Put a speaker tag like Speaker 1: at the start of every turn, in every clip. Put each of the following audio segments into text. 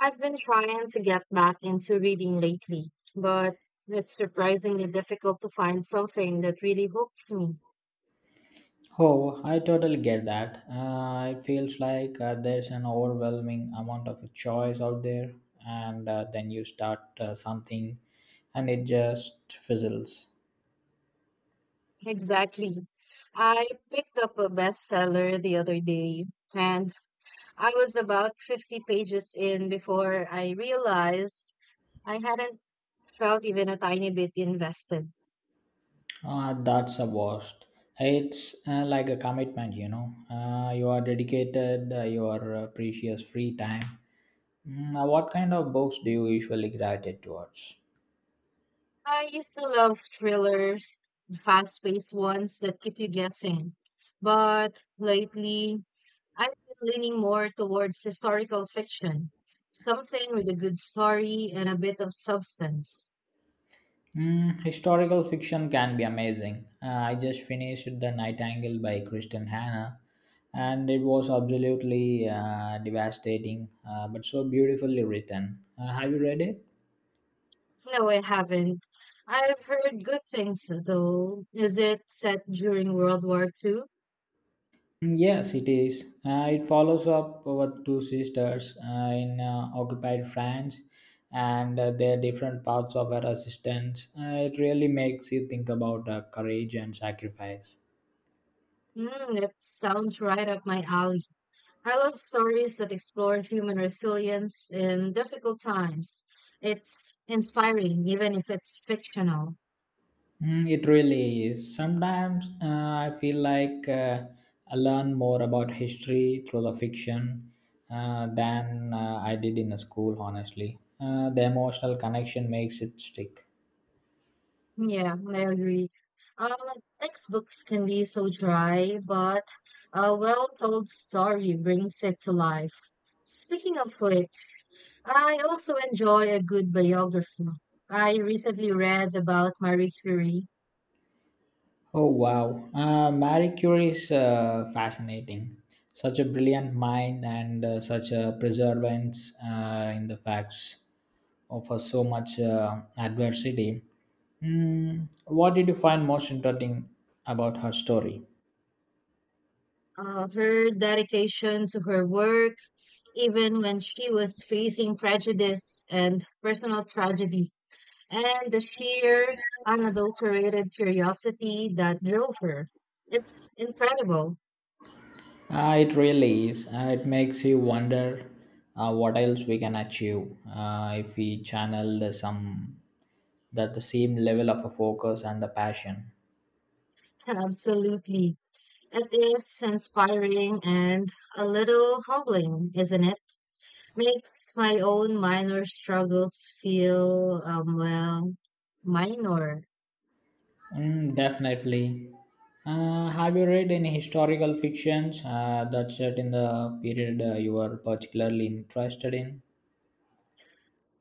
Speaker 1: I've been trying to get back into reading lately, but it's surprisingly difficult to find something that really hooks me.
Speaker 2: Oh, I totally get that. It feels like there's an overwhelming amount of choice out there, and then you start something and it just fizzles.
Speaker 1: Exactly. I picked up a bestseller the other day, and I was about 50 pages in before I realized I hadn't felt even a tiny bit invested.
Speaker 2: That's a worst. It's like a commitment, you know. You are dedicated your precious free time. What kind of books do you usually gravitate towards?
Speaker 1: I used to love thrillers, fast-paced ones that keep you guessing. But lately, I've been leaning more towards historical fiction, something with a good story and a bit of substance.
Speaker 2: Mm, historical fiction can be amazing. I just finished The Nightingale by Kristen Hanna, and it was absolutely devastating, but so beautifully written. Have you read it?
Speaker 1: No, I haven't. I've heard good things, though. Is it set during World War Two?
Speaker 2: Mm, yes, it is. It follows up our two sisters in occupied France and their different paths of her assistance. It really makes you think about courage and sacrifice.
Speaker 1: Mm, that sounds right up my alley. I love stories that explore human resilience in difficult times. It's inspiring, even if it's fictional.
Speaker 2: Mm, it really is. Sometimes I feel like I learn more about history through the fiction than I did in a school, honestly. The emotional connection makes it stick.
Speaker 1: Yeah, I agree. Um, Textbooks can be so dry, but a well-told story brings it to life. Speaking of which, I also enjoy a good biography. I recently read about Marie Curie.
Speaker 2: Oh, wow. Marie Curie is fascinating. Such a brilliant mind and such a perseverance in the facts offer so much adversity. Mm, what did you find most interesting about her story?
Speaker 1: Her dedication to her work, even when she was facing prejudice and personal tragedy, and the sheer unadulterated curiosity that drove her. It's incredible.
Speaker 2: It really is. It makes you wonder what else we can achieve if we channel the some that the same level of a focus and the passion.
Speaker 1: Absolutely. It is inspiring and a little humbling, isn't it? Makes my own minor struggles feel, well, minor.
Speaker 2: Mm, definitely. Have you read any historical fictions that set in the period you are particularly interested in?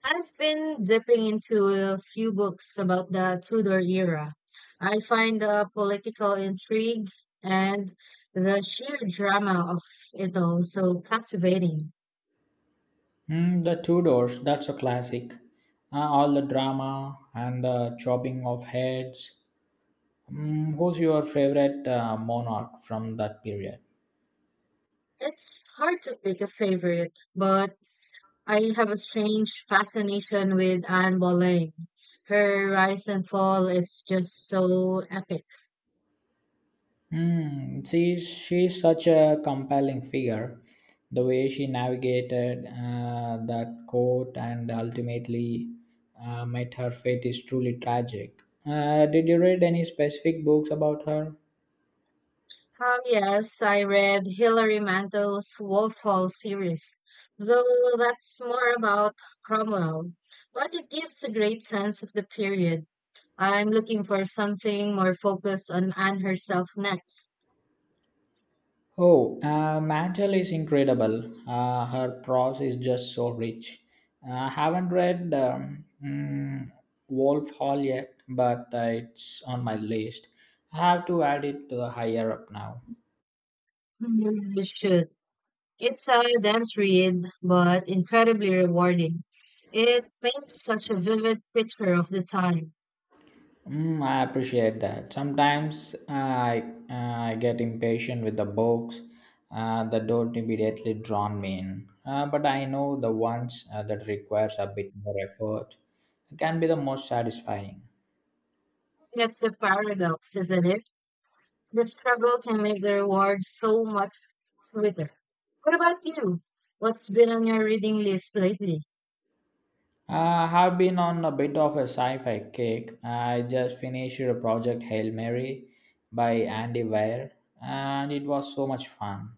Speaker 1: I've been dipping into a few books about the Tudor era. I find the political intrigue and the sheer drama of it all so captivating.
Speaker 2: Mm, the Tudors, that's a classic. All the drama and the chopping of heads. Mm, who's your favorite monarch from that period?
Speaker 1: It's hard to pick a favorite, but I have a strange fascination with Anne Boleyn. Her rise and fall is just so epic.
Speaker 2: Hmm. She's such a compelling figure. The way she navigated that court and ultimately met her fate is truly tragic. Did you read any specific books about her?
Speaker 1: Ah, yes, I read Hilary Mantel's Wolf Hall series, though that's more about Cromwell. But it gives a great sense of the period. I'm looking for something more focused on Anne herself next.
Speaker 2: Oh, Mantle is incredible. Her prose is just so rich. I haven't read Wolf Hall yet, but it's on my list. I have to add it to the higher up now.
Speaker 1: Mhm. You should. It's a dense read, but incredibly rewarding. It paints such a vivid picture of the time.
Speaker 2: Mm, I appreciate that. Sometimes I get impatient with the books that don't immediately draw me in, but I know the ones that requires a bit more effort can be the most satisfying.
Speaker 1: That's the paradox, isn't it? The struggle can make the reward so much sweeter. What about you? What's been on your reading list lately?
Speaker 2: Uh, I have been on a bit of a sci-fi kick. I just finished a project Hail Mary by Andy Weir, and it was so much fun.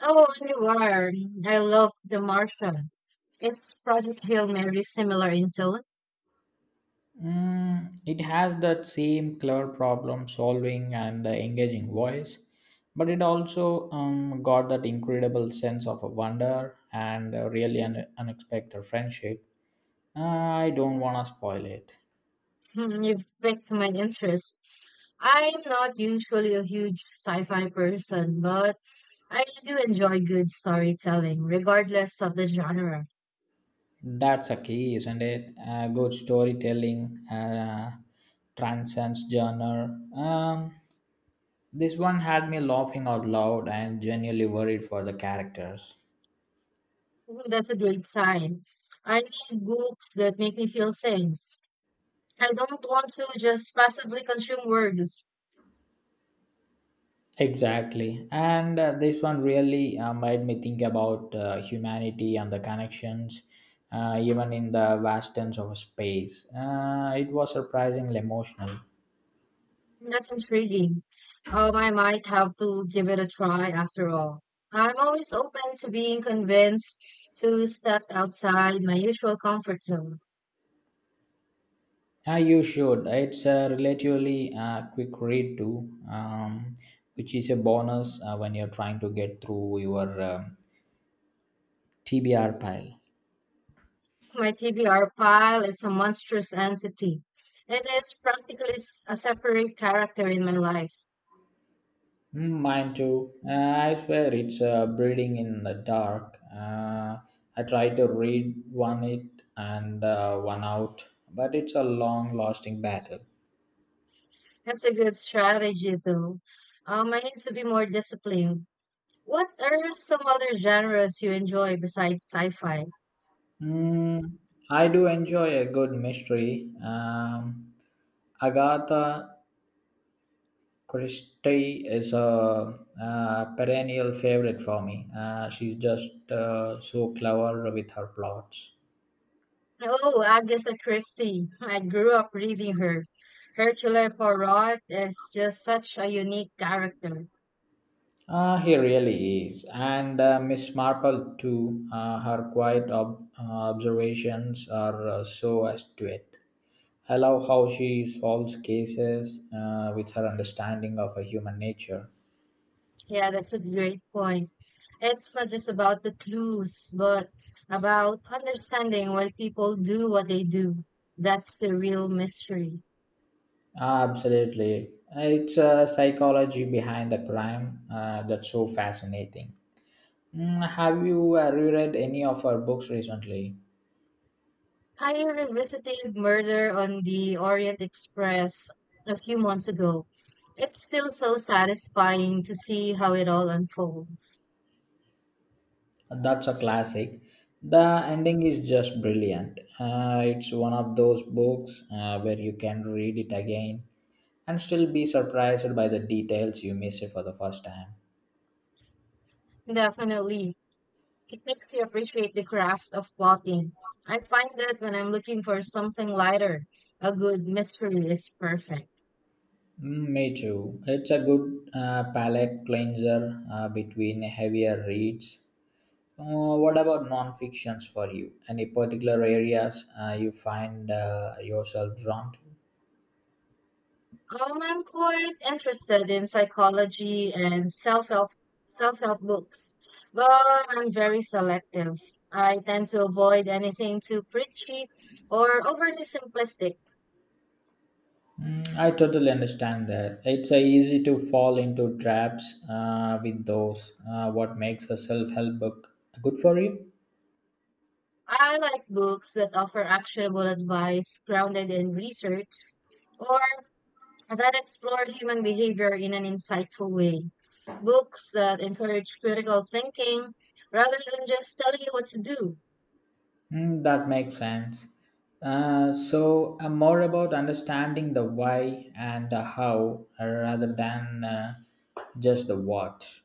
Speaker 1: Oh, Anywhere. I love The Martian. Is Project Hail Mary similar in tone?
Speaker 2: Mm, it has that same clever problem solving and engaging voice, but it also got that incredible sense of wonder and a really unexpected friendship. I don't want to spoil it.
Speaker 1: Hmm, you've piqued my interest. I'm not usually a huge sci-fi person, but I do enjoy good storytelling, regardless of the genre.
Speaker 2: That's a key, isn't it? Good storytelling transcends genre. This one had me laughing out loud and genuinely worried for the characters.
Speaker 1: I That's a great sign. I need books that make me feel things. I don't want to just passively consume words.
Speaker 2: Exactly. And this one really made me think about humanity and the connections, even in the vastness of space. It was surprisingly emotional.
Speaker 1: That's intriguing. I might have to give it a try after all. I'm always open to being convinced to step outside my usual comfort zone.
Speaker 2: You should. It's a relatively quick read, too, which is a bonus when you're trying to get through your TBR pile.
Speaker 1: My TBR pile is a monstrous entity. It is practically a separate character in my life.
Speaker 2: Mm, mine too. I swear it's breeding in the dark. I tried to read one it and one out, but it's a long lasting battle.
Speaker 1: That's a good strategy, though. I need to be more disciplined. What are some other genres you enjoy besides sci-fi?
Speaker 2: Mm, I do enjoy a good mystery. Agatha Christie is a, perennial favorite for me. She's just so clever with her plots.
Speaker 1: Oh, Agatha Christie. I grew up reading her. Hercule Poirot is just such a unique character.
Speaker 2: He really is. And Miss Marple, too. Her quiet observations are so astute. I love how she solves cases with her understanding of a human nature.
Speaker 1: Yeah, that's a great point. It's not just about the clues, but about understanding why people do what they do. That's the real mystery.
Speaker 2: Ah, absolutely. It's a psychology behind the crime that's so fascinating. Mm, have you reread any of her books recently?
Speaker 1: I revisited Murder on the Orient Express a few months ago. It's still so satisfying to see how it all unfolds.
Speaker 2: That's a classic. The ending is just brilliant. It's one of those books where you can read it again and still be surprised by the details you missed for the first time.
Speaker 1: Definitely. It makes me appreciate the craft of walking. I find that when I'm looking for something lighter, a good mystery is perfect.
Speaker 2: Mm, me too. It's a good palate cleanser between heavier reads. What about non-fictions for you? Any particular areas you find yourself drawn to?
Speaker 1: I'm quite interested in psychology and self-help books, but I'm very selective. I tend to avoid anything too preachy or overly simplistic.
Speaker 2: Mm, I totally understand that. It's easy to fall into traps with those. What makes a self help book good for you?
Speaker 1: I like books that offer actionable advice grounded in research or that explored human behavior in an insightful way. Books that encourage critical thinking rather than just telling you what to do.
Speaker 2: Mm, that makes sense. So, more about understanding the why and the how rather than just the what.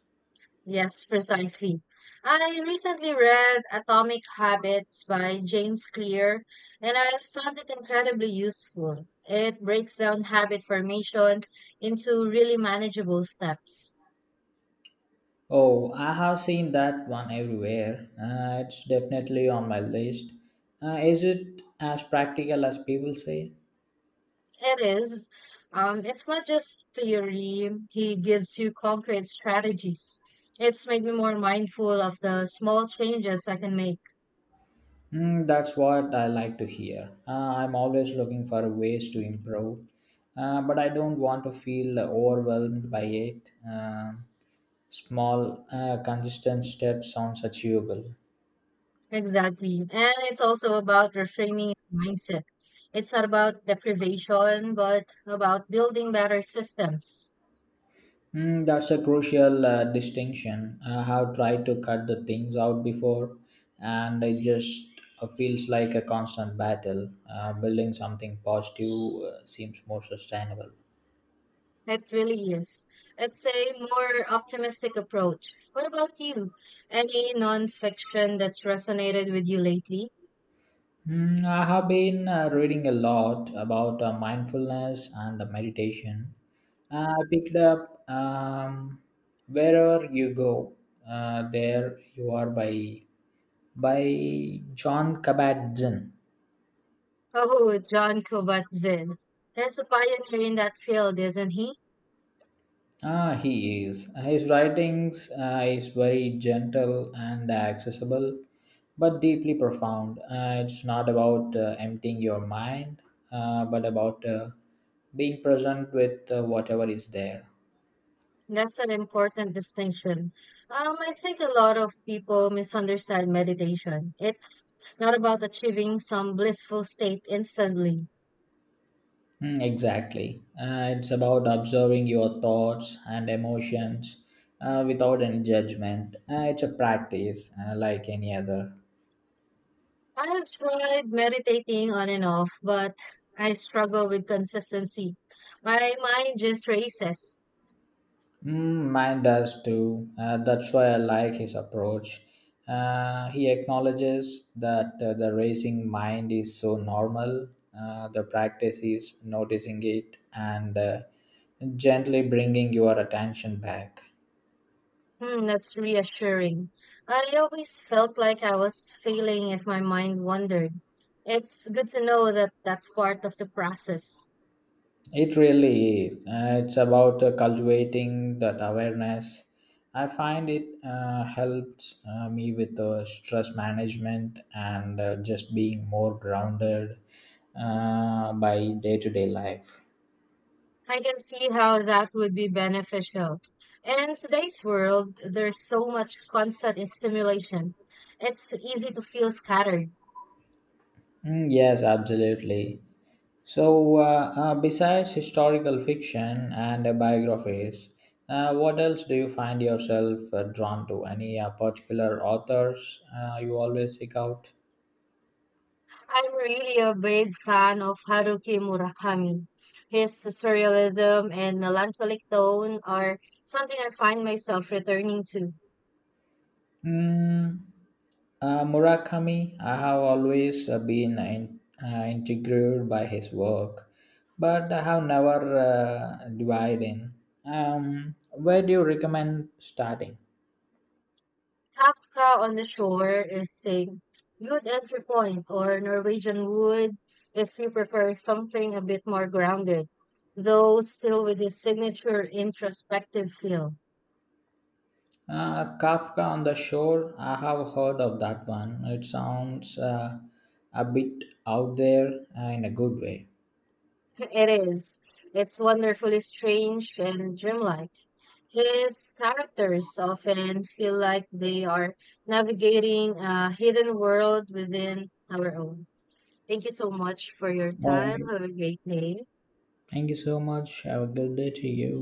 Speaker 1: Yes, precisely. I recently read Atomic Habits by James Clear, and I found it incredibly useful. It breaks down habit formation into really manageable steps.
Speaker 2: Oh, I have seen that one everywhere. It's definitely on my list. Is it as practical as people say?
Speaker 1: It is. It's not just theory. He gives you concrete strategies. It's made me more mindful of the small changes I can make.
Speaker 2: Mm, that's what I like to hear. I'm always looking for ways to improve, but I don't want to feel overwhelmed by it. Small, consistent steps sounds achievable.
Speaker 1: Exactly. And it's also about reframing your mindset. It's not about deprivation, but about building better systems.
Speaker 2: Mm, that's a crucial distinction. I have tried to cut the things out before, and it just feels like a constant battle. Building something positive seems more sustainable.
Speaker 1: It really is. It's a more optimistic approach. What about you? Any nonfiction that's resonated with you lately?
Speaker 2: Mm, I have been reading a lot about mindfulness and meditation. I picked up Wherever You Go, There You Are by John Kabat-Zinn.
Speaker 1: Oh, John Kabat-Zinn. He's a pioneer in that field, isn't he?
Speaker 2: Ah, he is. His writings is very gentle and accessible, but deeply profound. It's not about emptying your mind, but about being present with whatever is there.
Speaker 1: That's an important distinction. I think a lot of people misunderstand meditation. It's not about achieving some blissful state instantly.
Speaker 2: Mm, exactly. It's about observing your thoughts and emotions without any judgment. It's a practice like any other.
Speaker 1: I have tried meditating on and off, but I struggle with consistency. My mind just races.
Speaker 2: Mm, mine does too. That's why I like his approach. He acknowledges that the racing mind is so normal. The practice is noticing it and gently bringing your attention back.
Speaker 1: Hmm, that's reassuring. I always felt like I was failing if my mind wandered. It's good to know that that's part of the process.
Speaker 2: It really is. It's about cultivating that awareness. I find it helps me with stress management and just being more grounded by day to day life.
Speaker 1: I can see how that would be beneficial. In today's world, there's so much constant stimulation. It's easy to feel scattered.
Speaker 2: Mm, yes, absolutely. So, besides historical fiction and biographies, what else do you find yourself drawn to? Any particular authors you always seek out?
Speaker 1: I'm really a big fan of Haruki Murakami. His surrealism and melancholic tone are something I find myself returning to.
Speaker 2: Mm, Murakami, I have always been intrigued by his work, but I have never dived in. Where do you recommend starting?
Speaker 1: Kafka on the Shore is a good entry point, or Norwegian Wood if you prefer something a bit more grounded, though still with his signature introspective feel.
Speaker 2: Kafka on the Shore, I have heard of that one. It sounds a bit out there in a good way.
Speaker 1: It is. It's wonderfully strange and dreamlike. His characters often feel like they are navigating a hidden world within our own. Thank you so much for your
Speaker 2: All
Speaker 1: time.
Speaker 2: right.
Speaker 1: Have a great day.
Speaker 2: Thank you so much. Have a good day to you.